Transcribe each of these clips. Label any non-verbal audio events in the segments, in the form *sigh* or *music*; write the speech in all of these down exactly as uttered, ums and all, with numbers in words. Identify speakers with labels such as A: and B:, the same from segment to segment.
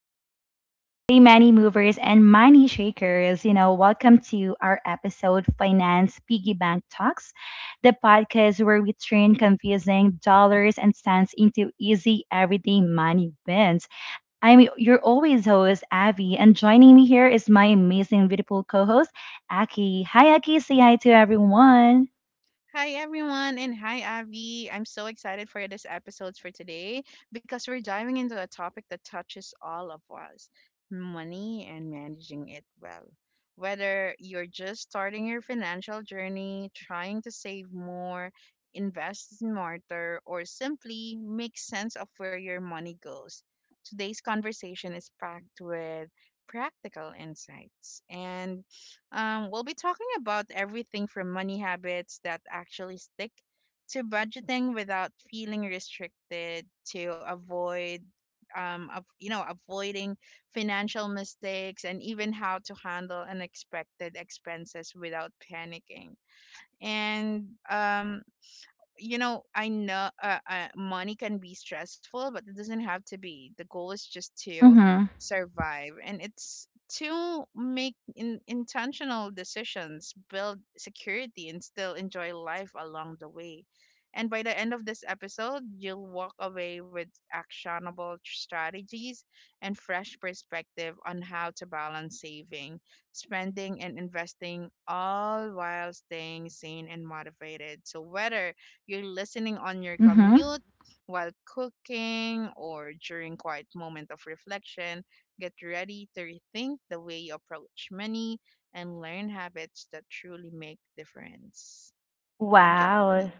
A: Vibes. Hey, money movers and money shakers. You know, welcome to our episode, Finance Piggy Bank Talks, the podcast where we turn confusing dollars and cents into easy, everyday money wins. I'm your always host, Abby, and joining me here is my amazing, beautiful co host, Aki. Hi, Aki. Say hi to everyone.
B: Hi everyone and hi Avi. I'm so excited for this episode for today because we're diving into a topic that touches all of us, money and managing it well. Whether you're just starting your financial journey, trying to save more, invest smarter, or simply make sense of where your money goes, today's conversation is packed with practical insights and um, we'll be talking about everything from money habits that actually stick to budgeting without feeling restricted to avoid um of, you know avoiding financial mistakes and even how to handle unexpected expenses without panicking. And um you know I know uh, uh, Money can be stressful, but it doesn't have to be. The goal is just to
A: Mm
B: survive, and it's to make in, intentional decisions, build security, and still enjoy life along the way. And by the end of this episode, you'll walk away with actionable strategies and fresh perspective on how to balance saving, spending, and investing, all while staying sane and motivated. So whether you're listening on your
A: hmm. Mm hmm.
B: commute, while cooking, or during quiet moment of reflection, get ready to rethink the way you approach money and learn habits that truly make difference. Thank you,
A: Wow.
B: Abby.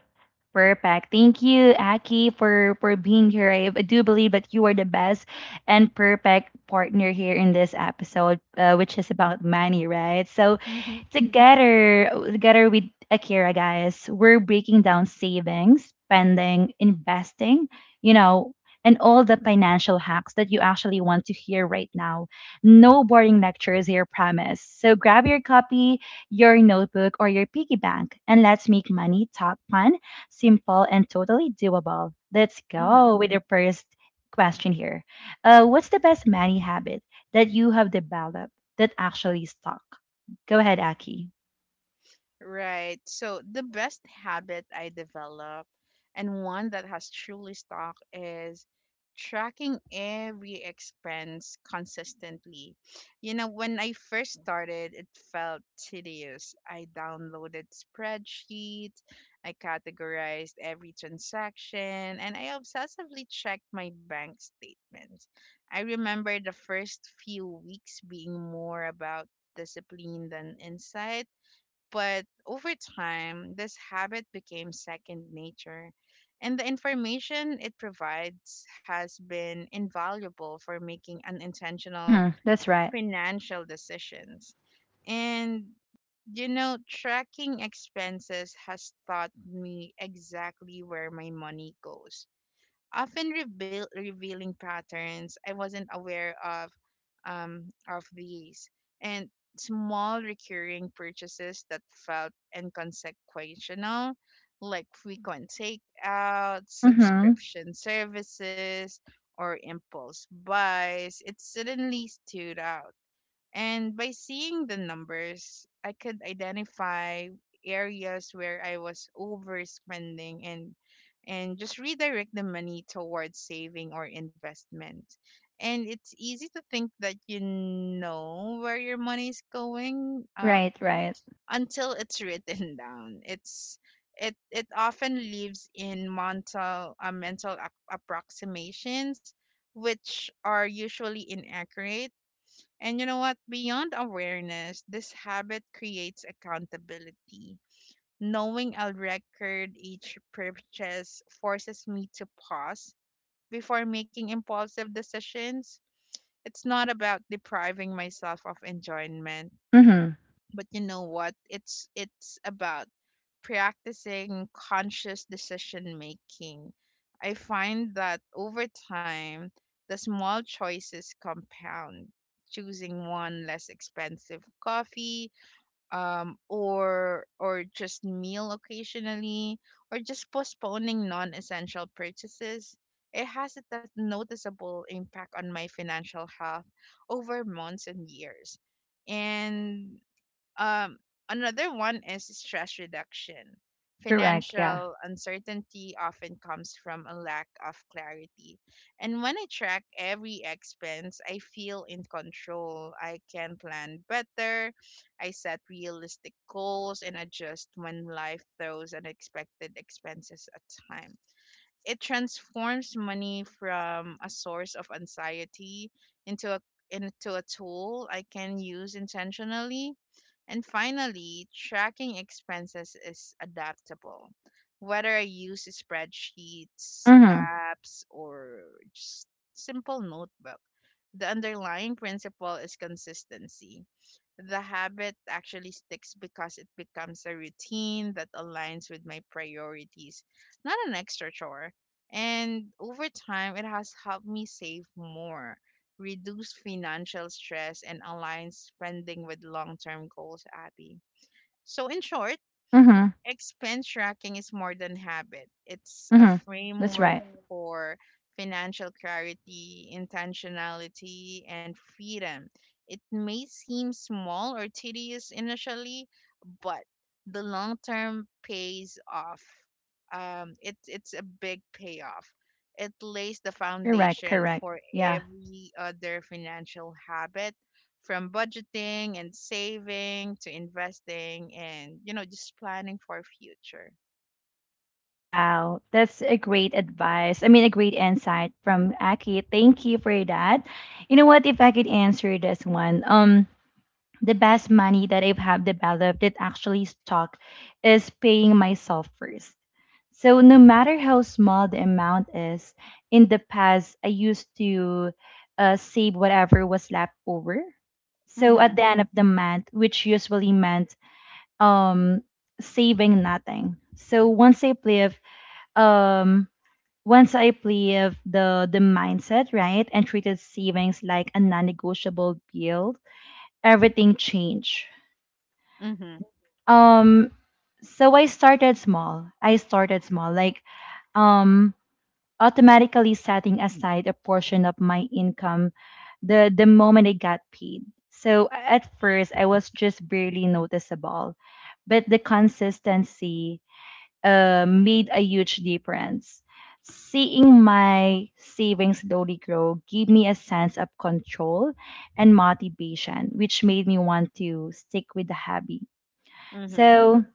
A: Perfect. Thank you, Aki, for for being here. I, I do believe that you are the best and perfect partner here in this episode, uh, which is about money, right? So
B: Mm-hmm,
A: together, together with Akira, guys, we're breaking down savings, spending, investing, you know, and all the financial hacks that you actually want to hear right now. No boring lectures here, promise. So grab your copy, your notebook, or your piggy bank, and let's make money talk fun, simple, and totally doable. Let's
B: mm-hmm.
A: go with the first question here. Uh, what's the best money habit that you have developed that actually stuck? Go ahead, Aki.
B: Right. So the best habit I developed and one that has truly stuck is tracking every expense consistently. You know, when I first started, it felt tedious. I downloaded spreadsheets, I categorized every transaction, and I obsessively checked my bank statements. I remember the first few weeks being more about discipline than insight, but over time, this habit became second nature, and the information it provides has been invaluable for making unintentional
A: Mm-hmm. That's right.
B: financial decisions. And you know, tracking expenses has taught me exactly where my money goes, often reveal, revealing patterns I wasn't aware of, um, of these and small recurring purchases that felt inconsequential, like frequent takeout,
A: Mm-hmm.
B: subscription services, or impulse buys, it suddenly stood out. And by seeing the numbers, I could identify areas where I was overspending and and just redirect the money towards saving or investment. And it's easy to think that you know where your money is going, uh,
A: Right, right.
B: until it's written *laughs* down. It's it it often lives in mental uh, mental ap- approximations, which are usually inaccurate. And you know what? Beyond awareness, this habit creates accountability. Knowing I'll record each purchase forces me to pause before making impulsive decisions. It's not about depriving myself of enjoyment,
A: Mm-hmm.
B: but you know what, it's it's about practicing conscious decision making. I find that over time the small choices compound: choosing one less expensive coffee, um or or just meal occasionally, or just postponing non-essential purchases. It has a that noticeable impact on my financial health over months and years. And um, Another one is stress reduction.
A: Correct. Yeah.
B: Financial uncertainty often comes from a lack of clarity. And when I track every expense, I feel in control. I can plan better. I set realistic goals and adjust when life throws unexpected expenses at time. It transforms money from a source of anxiety into a into a tool I can use intentionally. And finally, tracking expenses is adaptable. Whether I use spreadsheets,
A: Mm-hmm.
B: apps, or just simple notebook, the underlying principle is consistency. The habit actually sticks because it becomes a routine that aligns with my priorities, not an extra chore. And over time, it has helped me save more, reduce financial stress, and align spending with long term goals, Abby. So, in short,
A: Mm-hmm.
B: expense tracking is more than habit. It's a
A: Mm-hmm. That's
B: framework
A: right.
B: for financial clarity, intentionality, and freedom. It may seem small or tedious initially, but the long term pays off. Um, it, it's a big payoff. It lays the
A: Correct,
B: foundation
A: correct.
B: for
A: Yeah.
B: every other financial habit, from budgeting and saving to investing and you know just planning for future.
A: Wow. That's a great advice. I mean, a great insight from Aki. Thank you for that. You know what? If I could answer this one, um, the best money that I've have developed that actually stuck is paying myself first. So no matter how small the amount is, in the past I used to uh, save whatever was left over. So at the
B: Mhm.
A: end of the month, which usually meant um saving nothing. So once I live um once I live the the mindset right and treated savings like a non-negotiable bill, everything changed.
B: Mhm.
A: Um, so I started small. I started small, like um, automatically setting aside a portion of my income the the moment I got paid. So at first, I was just barely noticeable, but the consistency uh, made a huge difference. Seeing my savings slowly grow gave me a sense of control and motivation, which made me want to stick with the hobby.
B: Mhm.
A: So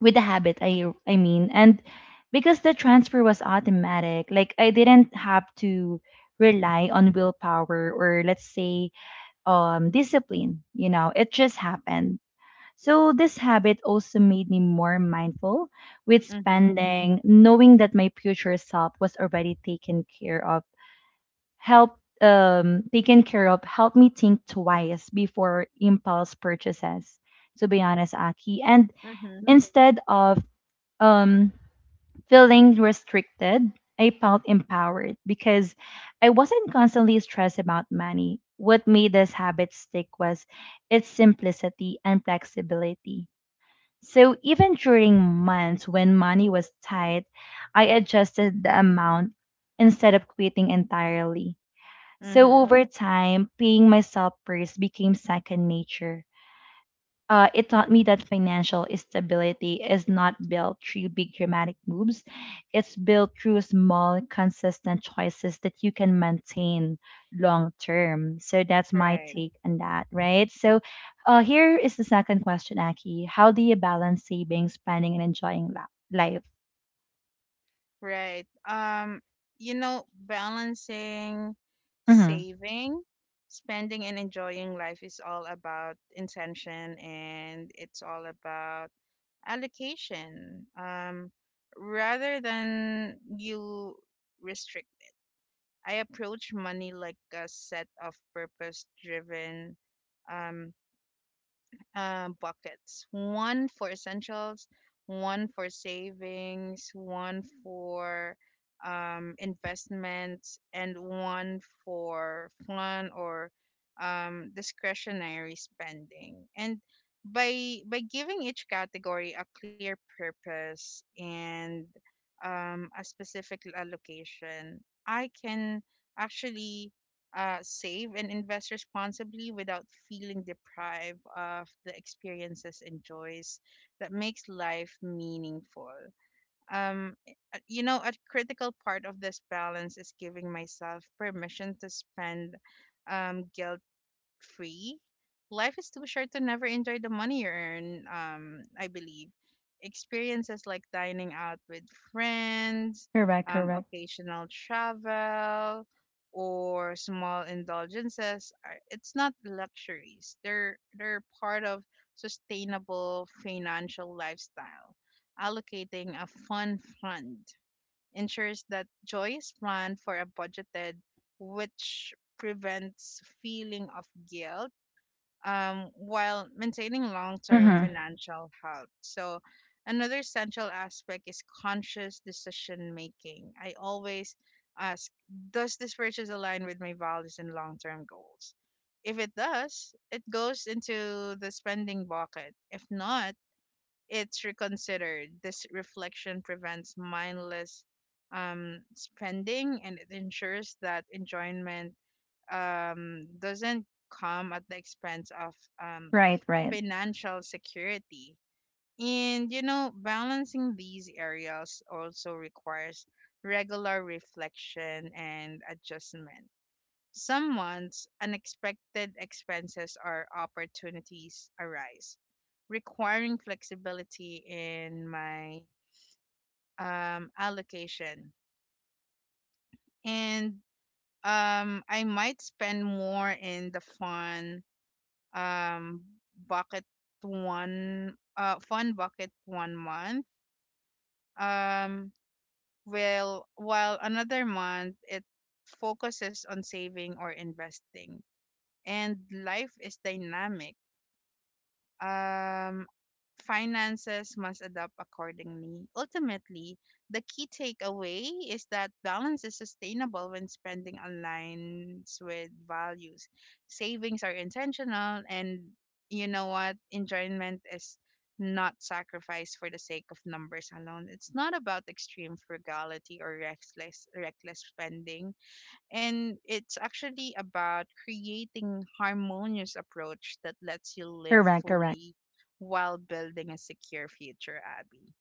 A: with the habit I I mean and because the transfer was automatic, like I didn't have to rely on willpower or let's say um discipline, you know, it just happened. So this habit also made me more mindful with
B: Mhm.
A: spending, knowing that my future self was already taken care of, help um taken care of helped me think twice before impulse purchases, to be honest, Aki. And
B: Mhm.
A: instead of um feeling restricted, I felt empowered because I wasn't constantly stressed about money. What made this habit stick was its simplicity and flexibility. So even during months when money was tight, I adjusted the amount instead of quitting entirely. So
B: Mhm.
A: over time, paying myself first became second nature. Uh, it taught me that financial stability is not built through big dramatic moves. It's built through small, consistent choices that you can maintain long term. So that's my
B: Right.
A: take on that, right? So uh, here is the second question, Aki. How do you balance saving, spending, and enjoying la- life?
B: right um you know, balancing
A: Hmm.
B: saving, spending, and enjoying life is all about intention, and it's all about allocation. Um rather than you restrict I approach money like a set of purpose driven, um, uh, buckets: one for essentials, one for savings, one for um, investments, and one for fun or um, discretionary spending. And by by giving each category a clear purpose and um, a specific allocation, I can actually uh, save and invest responsibly without feeling deprived of the experiences and joys that makes life meaningful. Um, uh, you know, a critical part of this balance is giving myself permission to spend um, guilt free. Life is too short to never enjoy the money you earn, um, I believe. Experiences like dining out with friends,
A: Correct,
B: um,
A: correct.
B: occasional travel, or small indulgences are it's not luxuries. They're they're part of sustainable financial lifestyle. Allocating a fun fund ensures that joy is planned for a budgeted, which prevents feeling of guilt um, while maintaining long-term
A: Hmm.
B: financial health. So another essential aspect is conscious decision making. I always ask, does this purchase align with my values and long-term goals? If it does, it goes into the spending bucket. If not, it's reconsidered. This reflection prevents mindless um, spending, and it ensures that enjoyment um, doesn't come at the expense of um,
A: Right, right.
B: financial security. And, you know, balancing these areas also requires regular reflection and adjustment. Someone's unexpected expenses or opportunities arise, requiring flexibility in my um, allocation. And um, I might spend more in the fun um, bucket one uh, fun bucket one month. Um, will While another month it focuses on saving or investing. And life is dynamic, um, finances must adapt accordingly. Ultimately, the key takeaway is that balance is sustainable when spending aligns with values. Savings are intentional, and you know what? Enjoyment is not sacrifice for the sake of numbers alone. It's not about extreme frugality or reckless reckless spending, and it's actually about creating harmonious approach that lets you live
A: Correct, correct.
B: fully while building a secure future, Abby.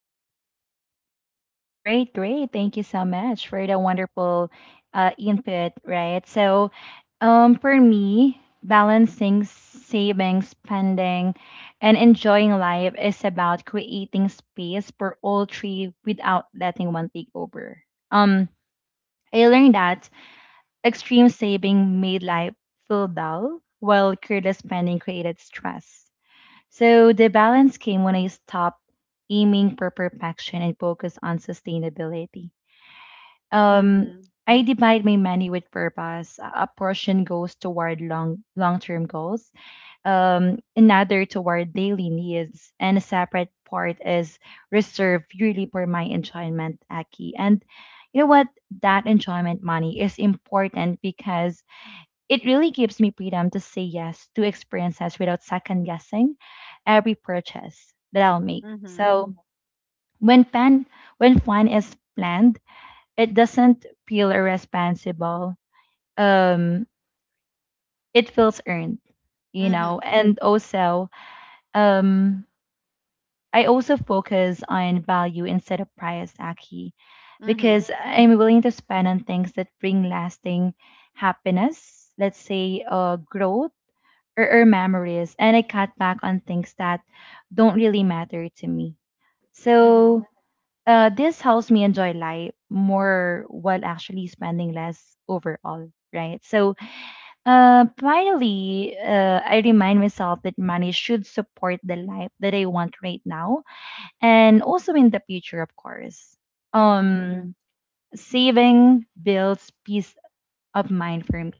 A: Great, great. Thank you so much for the wonderful uh, input, right? So, um, for me, balancing saving, spending, and enjoying life is about creating space for all three without letting one take over. Um, I learned that extreme saving made life feel dull, while careless spending created stress. So, the balance came when I stopped aiming for perfection and focused on sustainability. Um,
B: Mm-hmm.
A: I divide my money with purpose. A a portion goes toward long long term goals, um, another toward daily needs, and a separate part is reserved purely for my enjoyment, Aki. And you know what? That enjoyment money is important because it really gives me freedom to say yes to experiences without second guessing every purchase that I'll make.
B: Mm-hmm.
A: So when plan when fun is planned, it doesn't feel irresponsible. Um, it feels earned, you
B: Mm-hmm.
A: know. And also, um, I also focus on value instead of price, Aki,
B: Mm-hmm.
A: because I'm willing to spend on things that bring lasting happiness. Let's say, uh, growth or, or memories, and I cut back on things that don't really matter to me.
B: Mm-hmm.
A: So Uh, this helps me enjoy life more while actually spending less overall, right? So, uh, finally, uh, I remind myself that money should support the life that I want right now and also in the future, of course.
B: Mm-hmm.
A: Um, saving builds peace of mind for me.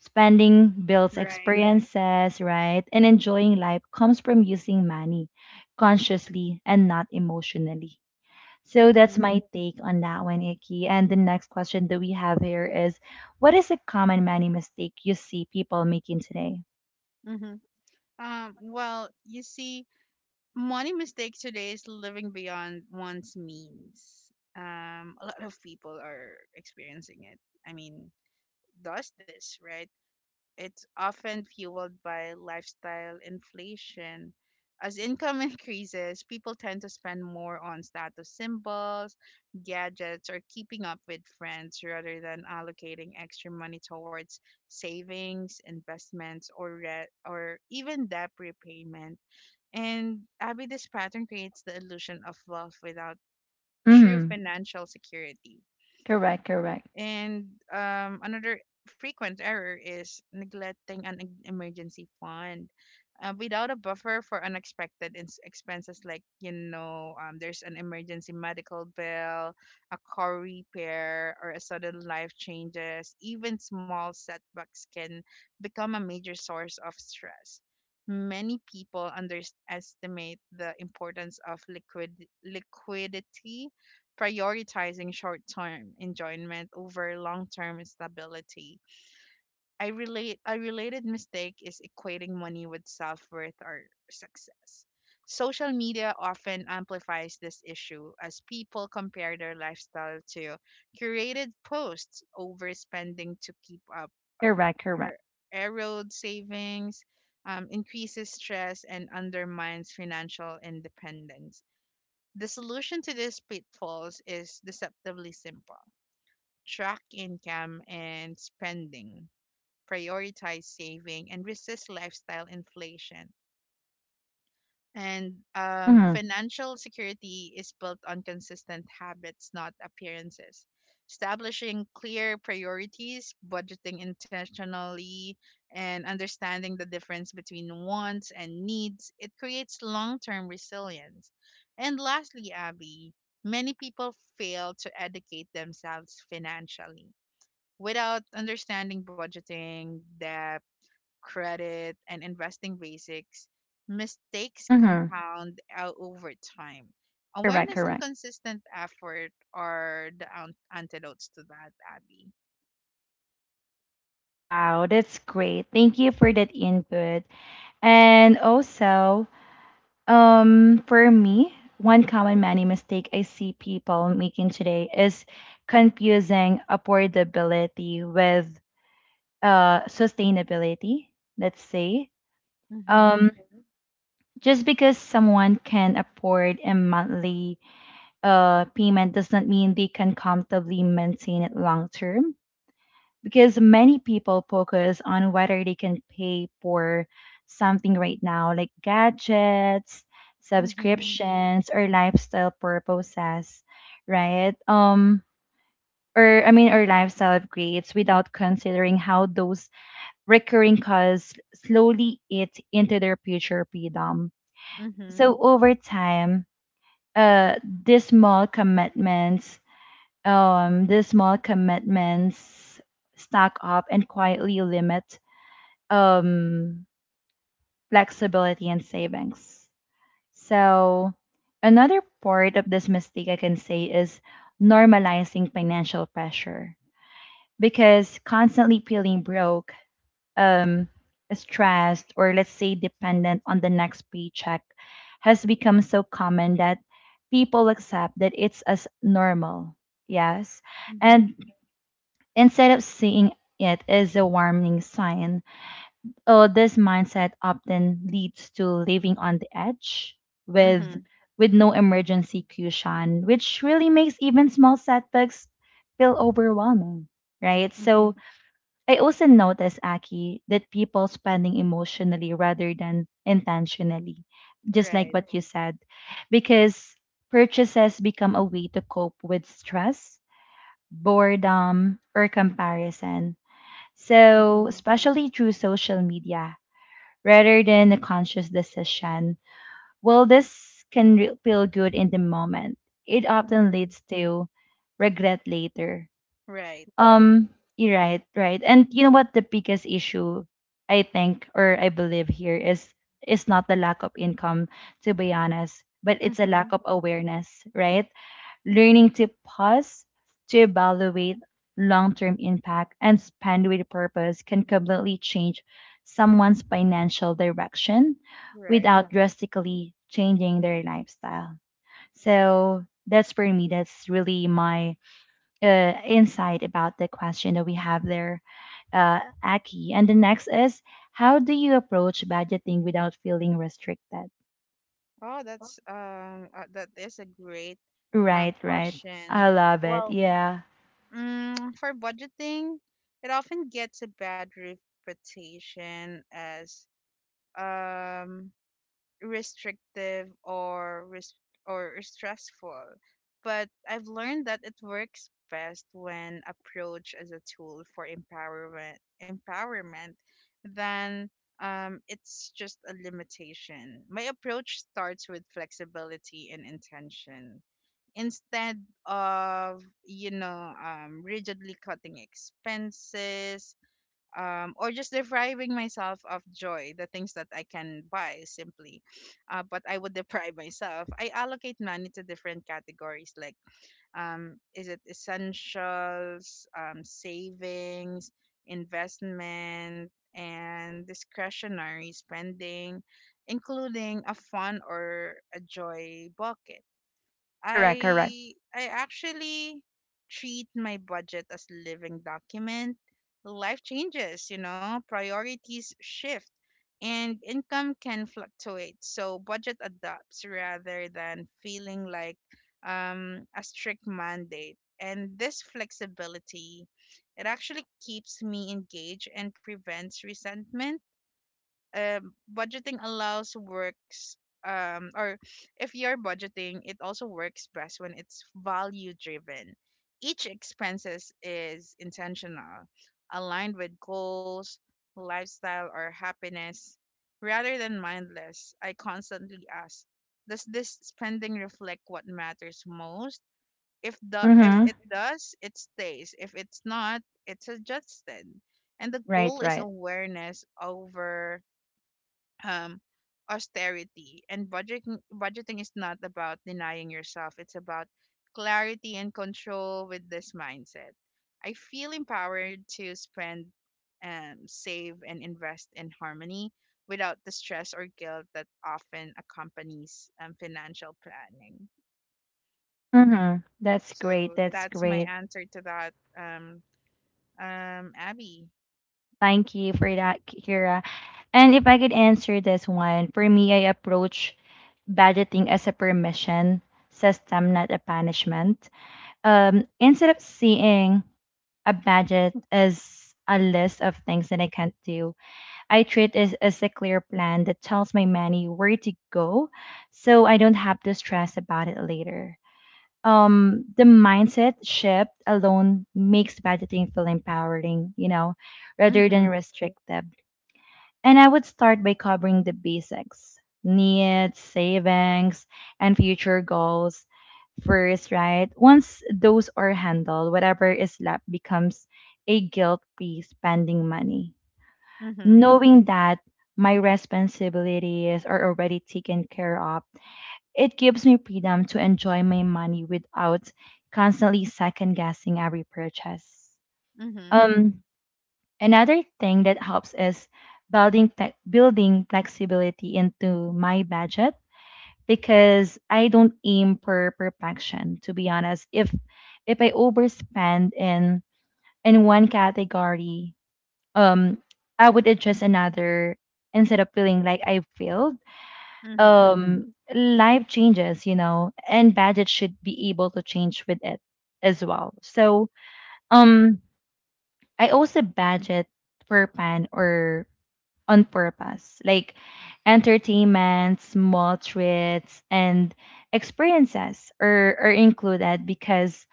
A: Spending builds
B: Right.
A: experiences, right? And enjoying life comes from using money consciously and not emotionally. So that's
B: Mm-hmm.
A: my take on that one, Icky. And the next question that we have here is what is a common money mistake you see people making today?
B: Mm-hmm. Um, well, you see, money mistake today is living beyond one's means. Um, a lot of people are experiencing it, I mean, does this right? It's often fueled by lifestyle inflation. As income *laughs* increases, people tend to spend more on status symbols, gadgets, or keeping up with friends rather than allocating extra money towards savings, investments, or re- or even debt repayment. And Abby, this pattern creates the illusion of wealth without true
A: Mm-hmm.
B: financial security.
A: Correct, correct.
B: And um, Another frequent error is neglecting an e- emergency fund. Uh, without a buffer for unexpected ins- expenses, like, you know, um, there's an emergency medical bill, a car repair, or a sudden life changes, even small setbacks can become a major source of stress. Many people underestimate the importance of liquid liquidity, prioritizing short-term enjoyment over long-term stability. I relate A related mistake is equating money with self-worth or success. Social media often amplifies this issue as people compare their lifestyle to curated posts, overspending to keep up
A: Correct,
B: er-
A: correct.
B: erode savings, um, increases stress, and undermines financial independence. The solution to these pitfalls is deceptively simple: track income and spending, prioritize saving, and resist lifestyle inflation. And um,
A: Mm-hmm.
B: Financial security is built on consistent habits, not appearances. Establishing clear priorities, budgeting intentionally, and understanding the difference between wants and needs, it creates long term resilience. And lastly, Abby, many people fail to educate themselves financially. Without understanding budgeting, debt, credit, and investing basics, mistakes
A: Mm-hmm.
B: compound out over time.
A: Correct,
B: Awareness and
A: correct.
B: consistent effort are the ant- antidotes to that, Abby.
A: Wow, that's great. Thank you for that input. And also, um, for me, one common money mistake I see people making today is confusing affordability with uh sustainability, let's say.
B: Mm-hmm.
A: Um, just because someone can afford a monthly uh payment does not mean they can comfortably maintain it long term, because many people focus on whether they can pay for something right now, like gadgets,
B: Mm-hmm.
A: subscriptions, or lifestyle purposes, right? Um, or I mean, or lifestyle upgrades without considering how those recurring costs slowly eat into their future freedom.
B: Mm-hmm.
A: So over time, uh, these small commitments, um, these small commitments stack up and quietly limit um, flexibility and savings. So, another part of this mistake I can say is normalizing financial pressure, because constantly feeling broke, um, stressed, or let's say dependent on the next paycheck has become so common that people accept that it's as normal. Yes.
B: Mm-hmm.
A: And instead of seeing it as a warning sign, oh, this mindset often leads to living on the edge
B: Mm-hmm.
A: with with no emergency cushion, which really makes even small setbacks feel overwhelming, right? So
B: Mm-hmm.
A: I also notice, Aki, that people spending emotionally rather than intentionally, just like
B: Right.
A: what you said, because purchases become a way to cope with stress, boredom, or comparison. So,
B: Mm-hmm.
A: especially through social media, rather than a conscious decision. While this can re- feel good in the moment, it often
B: Mm-hmm.
A: leads to regret later.
B: Right.
A: Um, you're right, right. And you know what the biggest issue I think or I believe here is is not the lack of income, to be honest, but it's a
B: Mm-hmm.
A: lack of awareness, right? Learning to pause, to evaluate long-term impact, and spend with purpose can completely change someone's financial direction
B: Right.
A: without drastically changing their lifestyle. So that's for me, that's really my uh, insight about the question that we have there, uh, Aki. And the next is, how do you approach budgeting without feeling restricted?
B: Oh, that's um, uh, that is a great uh,
A: Right, right.
B: question.
A: I love it.
B: Well,
A: Yeah.
B: Mm, for budgeting, it often gets a bad reputation as um, restrictive or res- or stressful. But I've learned that it works best when approached as a tool for empowerment, empowerment than um, it's just a limitation. My approach starts with flexibility and intention instead of you know um, rigidly cutting expenses, um, or just depriving myself of joy the things that I can buy simply, uh, but I would *laughs* deprive myself. I allocate money to different categories like um, is it essentials, um, savings, investment, and discretionary spending, including a fun or a joy bucket.
A: Correct, correct.
B: I I actually treat my budget as living document. Life changes, you know, priorities shift and income can fluctuate. So budget adapts rather than feeling like um, a strict mandate. And this flexibility, it actually keeps me engaged and prevents resentment. Um, budgeting allows works, um, or if you're budgeting, it also works best when it's value driven. Each expenses is intentional, aligned with goals, lifestyle, or happiness, rather than mindless. I constantly ask, does this spending reflect what matters most? If the if
A: Mm-hmm.
B: it does, it stays. If it's not, it's adjusted. And the
A: Right,
B: goal is
A: right.
B: awareness over um, austerity. And budgeting budgeting is not about denying yourself. It's about clarity and control with this mindset. I feel empowered to spend, um, save, and invest in harmony without the stress or guilt that often accompanies um, financial planning.
A: Hmm. That's great.
B: So
A: That's
B: that's my
A: great.
B: answer to that, um, um, Abby.
A: Thank you for that, Kira. And if I could answer this one, for me, I approach budgeting as a permission system, not a punishment. Um, instead of seeing a budget as a list of things that I can't do, I treat it as a clear plan that tells my money where to go, so I don't have to stress about it later. Um, the mindset shift alone makes budgeting feel empowering, you know, rather than
B: Mm-hmm,
A: restrictive. And I would start by covering the basics, needs, savings, and future goals first, right? Once those are handled, whatever is left becomes a guilt-free spending money,
B: mm-hmm,
A: knowing that my responsibilities are already taken care of. It gives me freedom to enjoy my money without constantly second guessing every purchase.
B: mm-hmm,
A: Um, another thing that helps is building fle- building flexibility into my budget, because I don't aim for perfection. To be honest, if if I overspend in in one category, um, I would adjust another instead of feeling like I failed.
B: mm-hmm,
A: Um, life changes, you know, and budget should be able to change with it as well. So um, I also budget per plan, or on purpose, like entertainment, small treats, and experiences are, are included because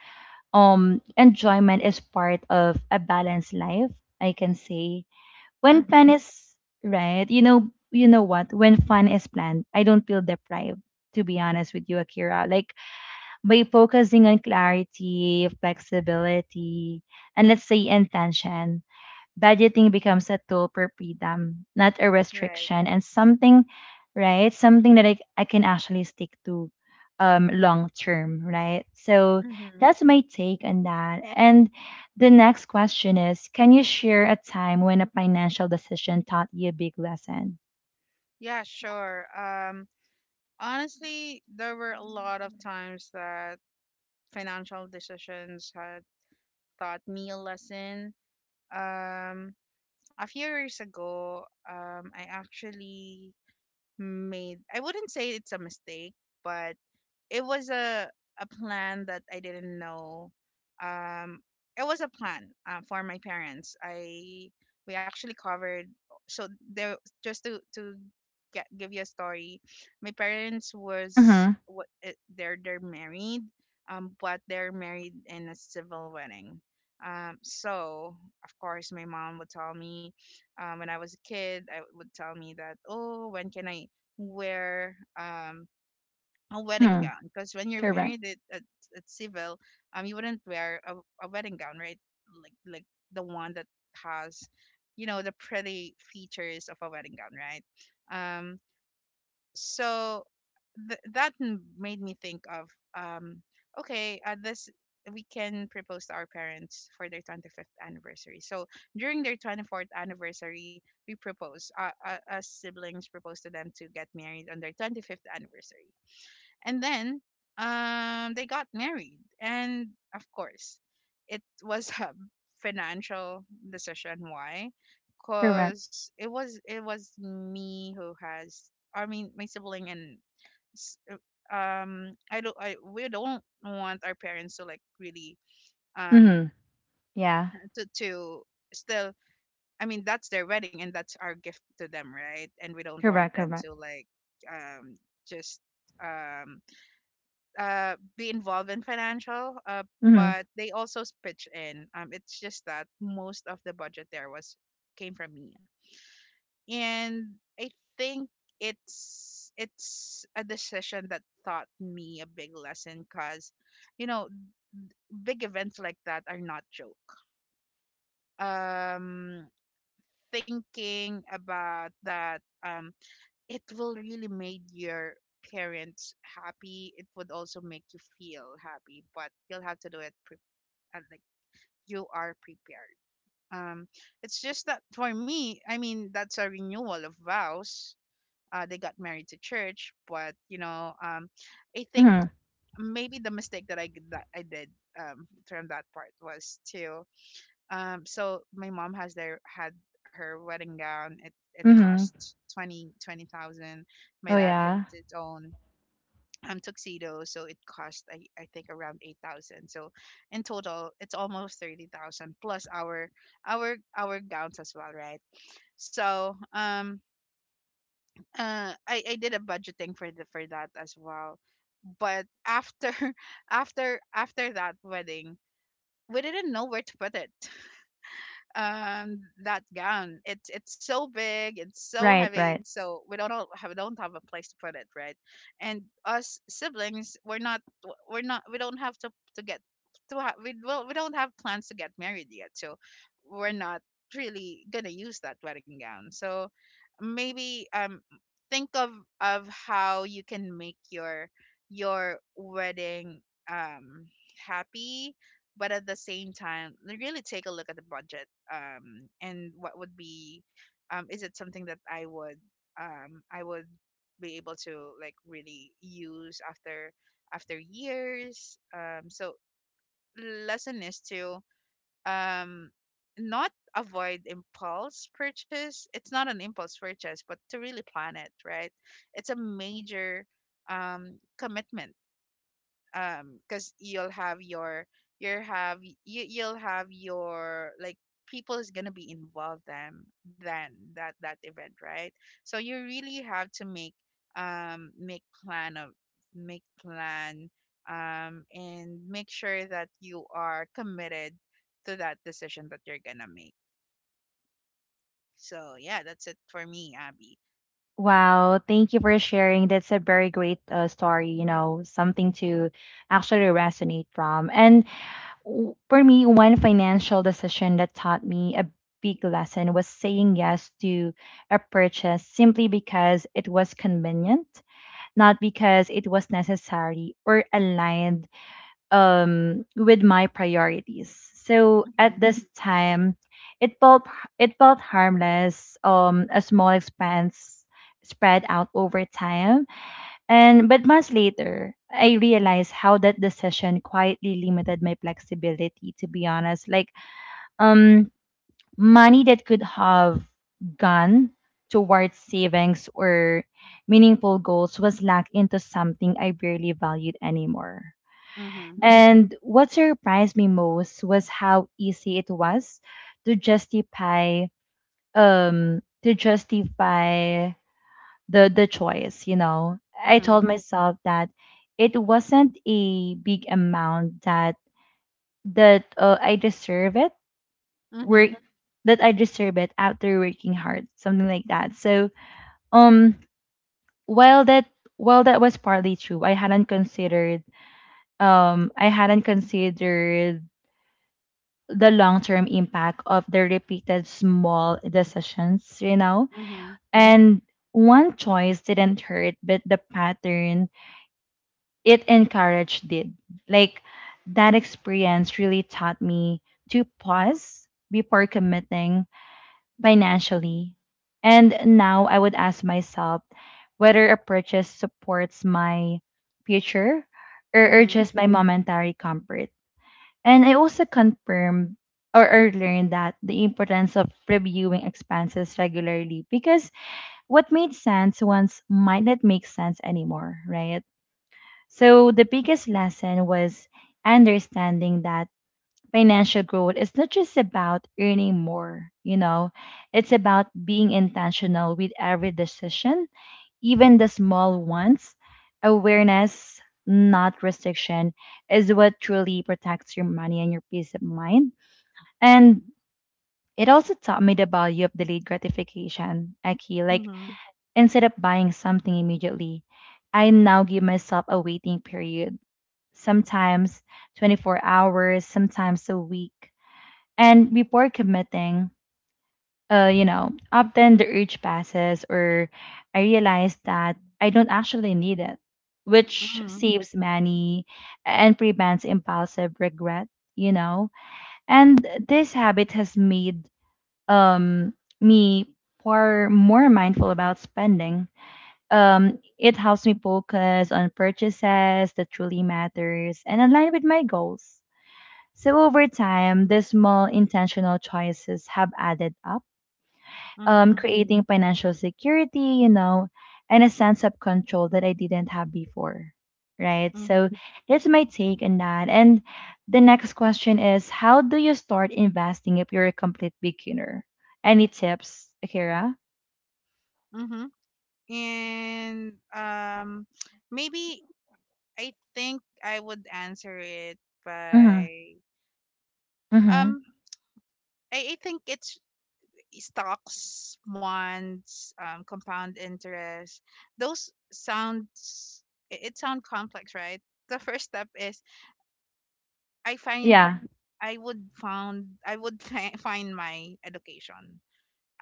A: um enjoyment is part of a balanced life, I can say. When
B: mm-hmm,
A: fun is Right, you know, you know what? When fun is planned, I don't feel deprived. To be honest with you, Akira, like by focusing on clarity, flexibility, and let's say intention, budgeting becomes a tool for freedom, not a
B: right.
A: restriction, and something, right? Something that I, I can actually stick to um long term, right? So
B: Mm-hmm.
A: that's my take on that. And the next question is, can you share a time when a financial decision taught you a big lesson?
B: Yeah, sure. Um, honestly, there were a lot of times that financial decisions had taught me a lesson. Um, a few years ago, um, I actually made, I wouldn't say it's a mistake, but it was a a plan that I didn't know. Um, it was a plan uh, for my parents. I we actually covered. So there, just to to get, give you a story, my parents was
A: Mm-hmm.
B: what they're they're married, um, but they're married in a civil wedding. Um, so of course my mom would tell me, um, when I was a kid, I would tell me that oh when can I wear um a wedding
A: Mm-hmm.
B: gown because when you're
A: Correct.
B: married at, at, at civil um you wouldn't wear a, a wedding gown, right? Like like the one that has, you know, the pretty features of a wedding gown, right? um so th- that m- made me think of um okay, uh, this we can propose to our parents for their twenty-fifth anniversary. So during their twenty-fourth anniversary we propose, uh, uh, us siblings propose to them to get married on their twenty-fifth anniversary. And then um they got married. And of course it was a financial decision, why?
A: Correct.
B: Because it was, it was me who has, I mean, my sibling and s- uh, um I don't, I, we don't want our parents to like really um
A: Mm-hmm. Yeah.
B: *laughs* to, to still, I mean, that's their wedding and that's our gift to them, right? And we don't want
A: Correct.
B: them
A: Correct.
B: to like um just um uh, be involved in financial, uh,
A: Mm-hmm.
B: but they also s- pitched in. Um, it's just that most of the budget there was came from me, and I think it's it's a decision that taught me a big lesson because, you know, big events like that are not joke. um Thinking about that, um it will really made your parents happy, it would also make you feel happy, but you'll have to do it and like you are prepared. Um, it's just that for me, I mean, that's a renewal of vows. Uh, they got married to church, but you know, um, I think
A: Mm-hmm.
B: maybe the mistake that I g- that I did um from that part was to um. So my mom has their had her wedding gown. It it
A: Mm-hmm.
B: cost twenty twenty thousand. My
A: Oh
B: dad has
A: yeah.
B: his own um, tuxedo, so it cost I, I think around eight thousand. So in total, it's almost thirty thousand plus our our our gowns as well, right? So um uh I I did a budgeting for the for that as well, but after *laughs* after after that wedding, we didn't know where to put it. Um that gown, it's it's so big, it's so
A: Right.
B: heavy,
A: Right.
B: so we don't all have, don't have a place to put it, right? And us siblings, we're not we're not we don't have to to get to ha- we, well, we don't have plans to get married yet, so we're not really gonna use that wedding gown. So maybe um think of of how you can make your your wedding um happy, but at the same time really take a look at the budget um and what would be, um is it something that i would um i would be able to like really use after after years. Um so lesson is to um not avoid impulse purchase, it's not an impulse purchase, but to really plan it, right? It's a major um commitment, um because you'll have your, you'll have you, you'll have your like people is gonna be involved then then that that event, right? So you really have to make um make plan of make plan, um and make sure that you are committed to that decision that you're gonna make. So yeah, that's it for me, Abby.
A: Wow, thank you for sharing. That's a very great uh, story, you know, something to actually resonate from. And w- for me, one financial decision that taught me a big lesson was saying yes to a purchase simply because it was convenient, not because it was necessary or aligned um with my priorities. So at
B: Mm-hmm.
A: this time, it felt it felt harmless, um a small expense spread out over time. And but months later, I realized how that decision quietly limited my flexibility, to be honest. Like um money that could have gone towards savings or meaningful goals was locked into something I barely valued anymore.
B: Mm-hmm.
A: And what surprised me most was how easy it was to justify, um to justify the the choice, you know. I
B: Mm-hmm.
A: told myself that it wasn't a big amount, that that uh, I deserve it work
B: Mm-hmm.
A: that I deserve it after working hard, something like that. So um while that while that was partly true, I hadn't considered, um I hadn't considered the long term impact of the repeated small decisions, you know?
B: Mm-hmm.
A: And one choice didn't hurt, but the pattern it encouraged did. Like that experience really taught me to pause before committing financially. And now I would ask myself whether a purchase supports my future or, or
B: Mm-hmm.
A: just my Mhm. momentary comfort. And I also confirmed or, or learned that the importance of reviewing expenses regularly, because what made sense once might not make sense anymore, right? So the biggest lesson was understanding that financial growth is not just about earning more, you know, it's about being intentional with every decision, even the small ones. Awareness, not restriction, is what truly protects your money and your peace of mind. And it also taught me the value of delayed gratification, Aki. Like,
B: Mm-hmm.
A: instead of buying something immediately, I now give myself a waiting period, sometimes twenty-four hours, sometimes a week. And before committing, uh, you know, often the urge passes or I realize that I don't actually need it, which saves money and prevents impulsive regret, you know. And this habit has made um, me more more mindful about spending. Um, it helps me focus on purchases that truly matters and align with my goals. So over time, these small intentional choices have added up, um,
B: Mm-hmm.
A: creating financial security, you know, and a sense of control that I didn't have before. Right. So
B: Mm-hmm.
A: that's my take on that. And the next question is, how do you start investing if you're a complete beginner? Any tips, Akira?
B: Mm-hmm. And um, maybe I think I would answer it
A: Mm
B: by
A: hmm. Mm hmm.
B: um, I, I think it's stocks, bonds, um, compound interest. Those sounds, it, it sound complex, right? The first step is I find
A: Yeah.
B: I would found I would fi- find my education.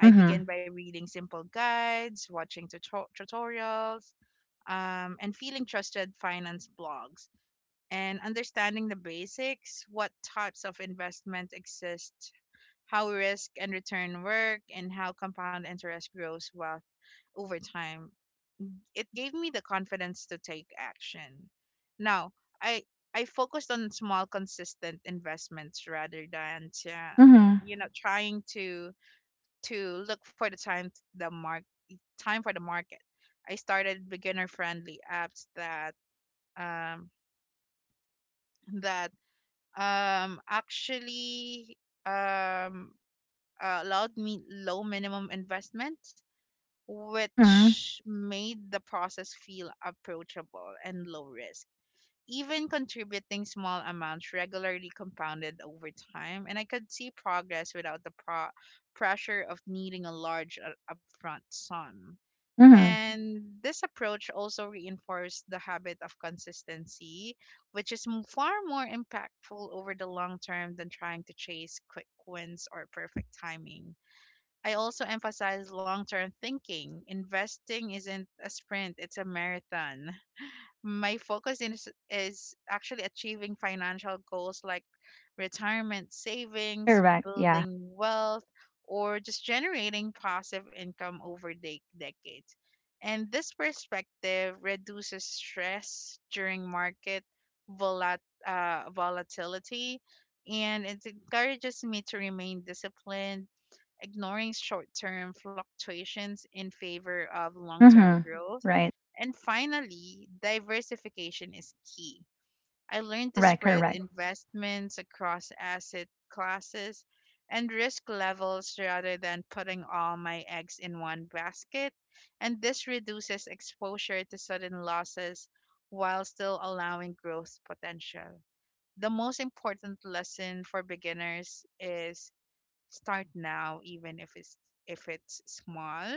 A: Mm hmm.
B: begin by reading simple guides, watching tuto- tutorials, um, and feeling trusted finance blogs and understanding the basics, what types of investment exist, how risk and return work, and how compound interest grows wealth over time. It gave me the confidence to take action. Now i i focused on small consistent investments rather than to,
A: Mm hmm.
B: you know, trying to to look for the time, the mark time for the market. I started beginner friendly apps that um, that um, actually um, uh, allowed me low minimum investment,
A: Mm hmm.
B: which made the process feel approachable and low risk. Even contributing small amounts regularly compounded over time, and I could see progress without the pro- pressure of needing a large uh, upfront sum.
A: Mm hmm.
B: And this approach also reinforced the habit of consistency, which is m- far more impactful over the long term than trying to chase quick wins or perfect timing. I also emphasize long term thinking. Investing isn't a sprint, it's a marathon. My focus is, is actually achieving financial goals like retirement savings,
A: Correct. Yeah.
B: building wealth, or just generating passive income over de- decades. And this perspective reduces stress during market volat- uh, volatility, and it encourages me to remain disciplined, ignoring short term fluctuations in favor of long
A: Mm
B: term
A: hmm.
B: growth.
A: Right.
B: And finally, diversification is key. I learned to
A: Correct.
B: spread
A: Correct.
B: investments across asset classes and risk levels rather than putting all my eggs in one basket, and this reduces exposure to sudden losses while still allowing growth potential. The most important lesson for beginners is start now, even if it's if it's small,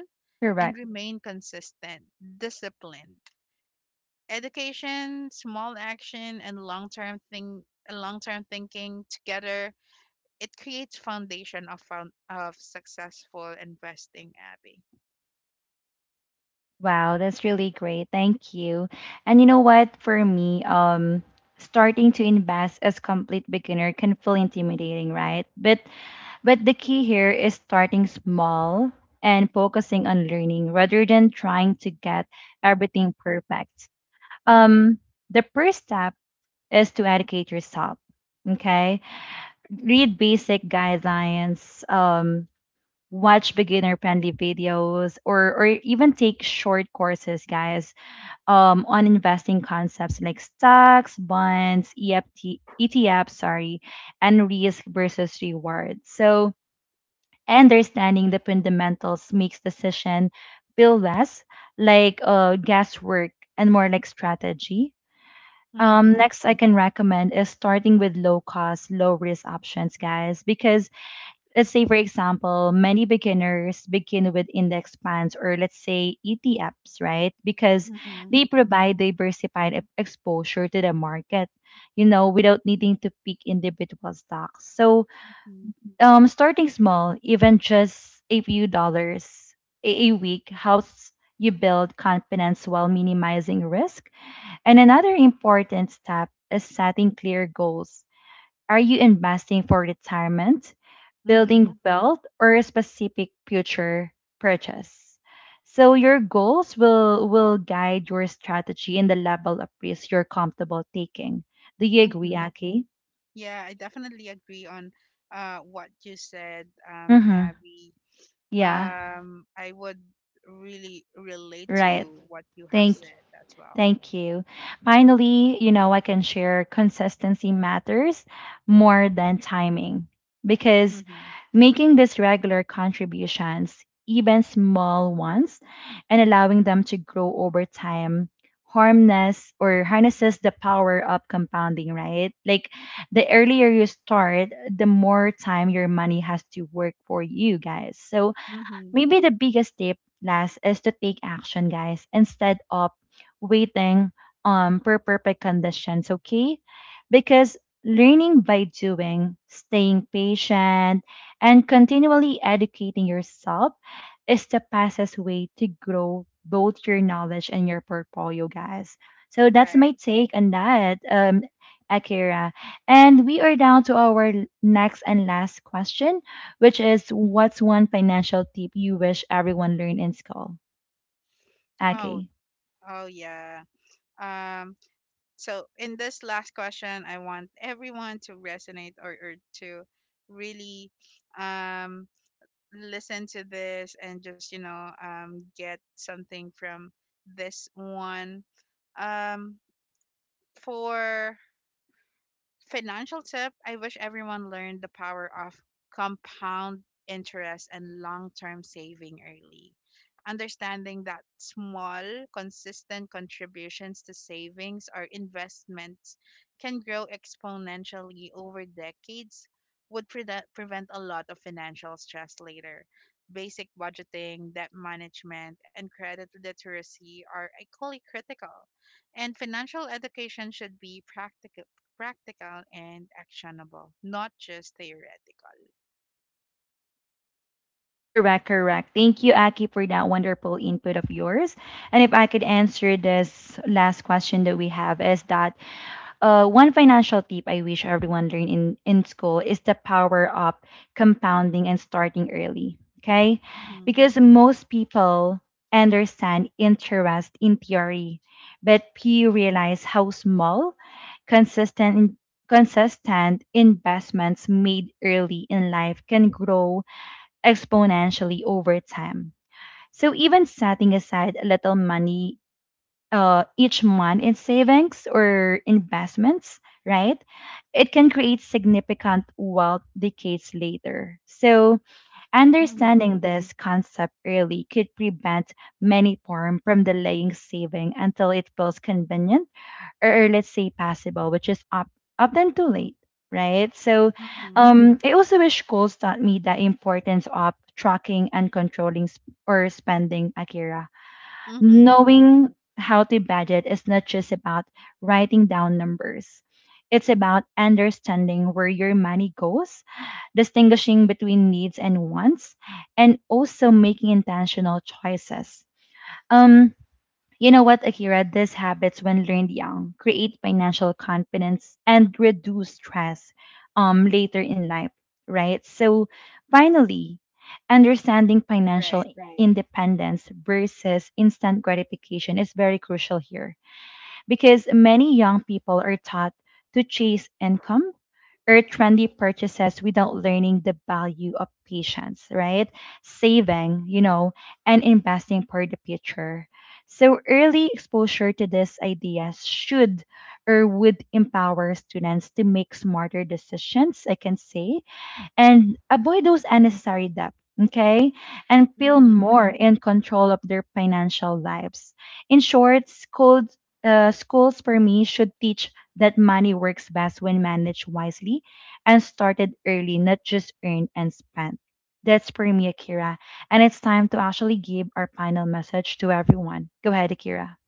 B: and
A: Correct.
B: remain consistent, disciplined. Education, small action, and long term thing, long term thinking together, it creates foundation of found, of successful investing. Abby.
A: Wow, that's really great. Thank you. And you know what? For me, um, starting to invest as complete beginner can feel intimidating, right? But but the key here is starting small and focusing on learning rather than trying to get everything perfect. Um, the first step is to educate yourself. Okay, read basic guidelines. Um, watch beginner friendly videos or or even take short courses, guys, um, on investing concepts like stocks, bonds, E F T, E T Fs, sorry, and risk versus reward. So understanding the fundamentals makes decision feel less like uh, guesswork and more like strategy. Um,
B: Mm-hmm.
A: next, I can recommend is starting with low cost, low risk options, guys, because let's say for example many beginners begin with index funds, or let's say etfs, right? Because they provide diversified e- exposure to the market, you know, without needing to pick individual stocks. So
B: Mm-hmm.
A: um starting small, even just a few dollars a, a week, helps you build confidence while minimizing risk. And another important step is setting clear goals. Are you investing for retirement, building
B: Mm-hmm.
A: wealth, or a specific future purchase? So your goals will will guide your strategy and the level of risk you're comfortable taking. Do you agree,
B: Mm-hmm.
A: Aki?
B: Yeah, I definitely agree on uh what you said, um,
A: Mm-hmm.
B: Abby.
A: Yeah,
B: Um, I would really relate
A: right.
B: to what you have
A: Thank
B: said as well.
A: Thank you. Finally, you know, I can share consistency matters more than timing, because
B: Mm-hmm.
A: making these regular contributions, even small ones, and allowing them to grow over time harness or harnesses the power of compounding, right? Like the earlier you start, the more time your money has to work for you, guys. So
B: Mm-hmm.
A: maybe the biggest tip last is to take action, guys, instead of waiting um for perfect conditions, okay? Because learning by doing, staying patient, and continually educating yourself is the fastest way to grow both your knowledge and your portfolio, guys. So that's
B: Right.
A: my take on that, um, Akira. And we are down to our next and last question, which is, what's one financial tip you wish everyone learned in school?
B: Oh,
A: Aki.
B: oh yeah. Um, so in this last question, I want everyone to resonate or, or to really um listen to this, and just, you know, um get something from this one. um for financial tip, I wish everyone learned the power of compound interest and long term saving early. Understanding that small, consistent contributions to savings or investments can grow exponentially over decades would pre- prevent a lot of financial stress later. Basic budgeting, debt management, and credit literacy are equally critical, and financial education should be practical practical and actionable, not just theoretical.
A: Correct, correct. Thank you, Aki, for that wonderful input of yours. And if I could answer this last question that we have, is that, Uh, one financial tip I wish everyone learned in, in school is the power of compounding and starting early. Okay.
B: Mm-hmm.
A: Because most people understand interest in theory, but few realize how small, consistent, consistent investments made early in life can grow exponentially over time. So even setting aside a little money uh, each month in savings or investments, right? It can create significant wealth decades later. So,
B: Mm-hmm.
A: understanding this concept early could prevent many form from delaying saving until it feels convenient or, or let's say possible, which is up, often too late, right? So,
B: Mm-hmm.
A: um, I also wish schools taught me the importance of tracking and controlling sp- or spending, Akira.
B: Mm-hmm.
A: Knowing how to budget is not just about writing down numbers. It's about understanding where your money goes, distinguishing between needs and wants, and also making intentional choices. Um, you know what, Akira? These habits, when learned young, create financial confidence and reduce stress, um, later in life, right? So, finally, understanding financial independence versus instant gratification is very crucial here, because many young people are taught to chase income or trendy purchases without learning the value of patience, right? Saving, you know, and investing for the future. So early exposure to these ideas should or would empower students to make smarter decisions, I can say, and avoid those unnecessary debt, okay? And feel
B: Right.
A: more in control of their financial lives. In short, schools, uh, schools for me should teach that money works best when managed wisely and started early, not just earned and spent. That's for me, Akira. And it's time to actually give our final message to everyone. Go ahead, Akira.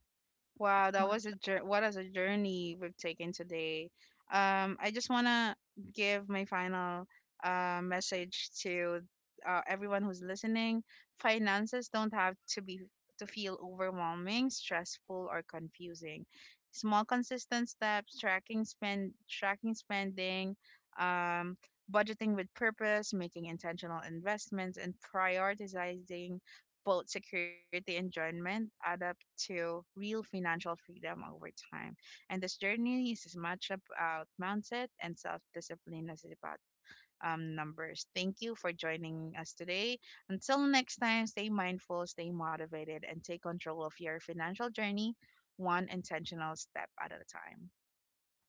B: Wow, that was a jour- what is a journey we've taken today. Um, I just wanna give my final uh, message to uh, everyone who's listening. Finances don't have to be to feel overwhelming, stressful, or confusing. Small, consistent steps, tracking spend, tracking spending, um, budgeting with purpose, making intentional investments, and prioritizing both security enjoyment add up to real financial freedom over time. And this journey is as much about mindset and self discipline as it is about, um, numbers. Thank you for joining us today. Until next time, stay mindful, stay motivated, and take control of your financial journey one intentional step at a time.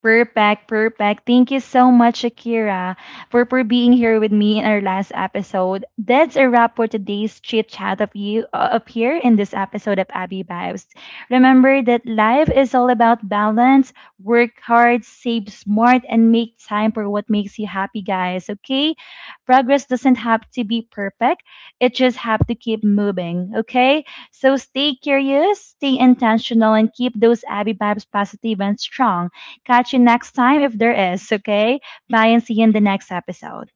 A: Perfect, perfect. Thank you so much, Akira, for, for being here with me in our last episode. That's a wrap for today's chit chat of you uh, up here in this episode of Abby Vibes. Remember that life is all about balance. Work hard, save smart, and make time for what makes you happy, guys. Okay, progress doesn't have to be perfect. It just have to keep moving. Okay, so stay curious, stay intentional, and keep those Abby Vibes positive and strong. Catch you next time if there is, okay? Bye and see you in the next episode.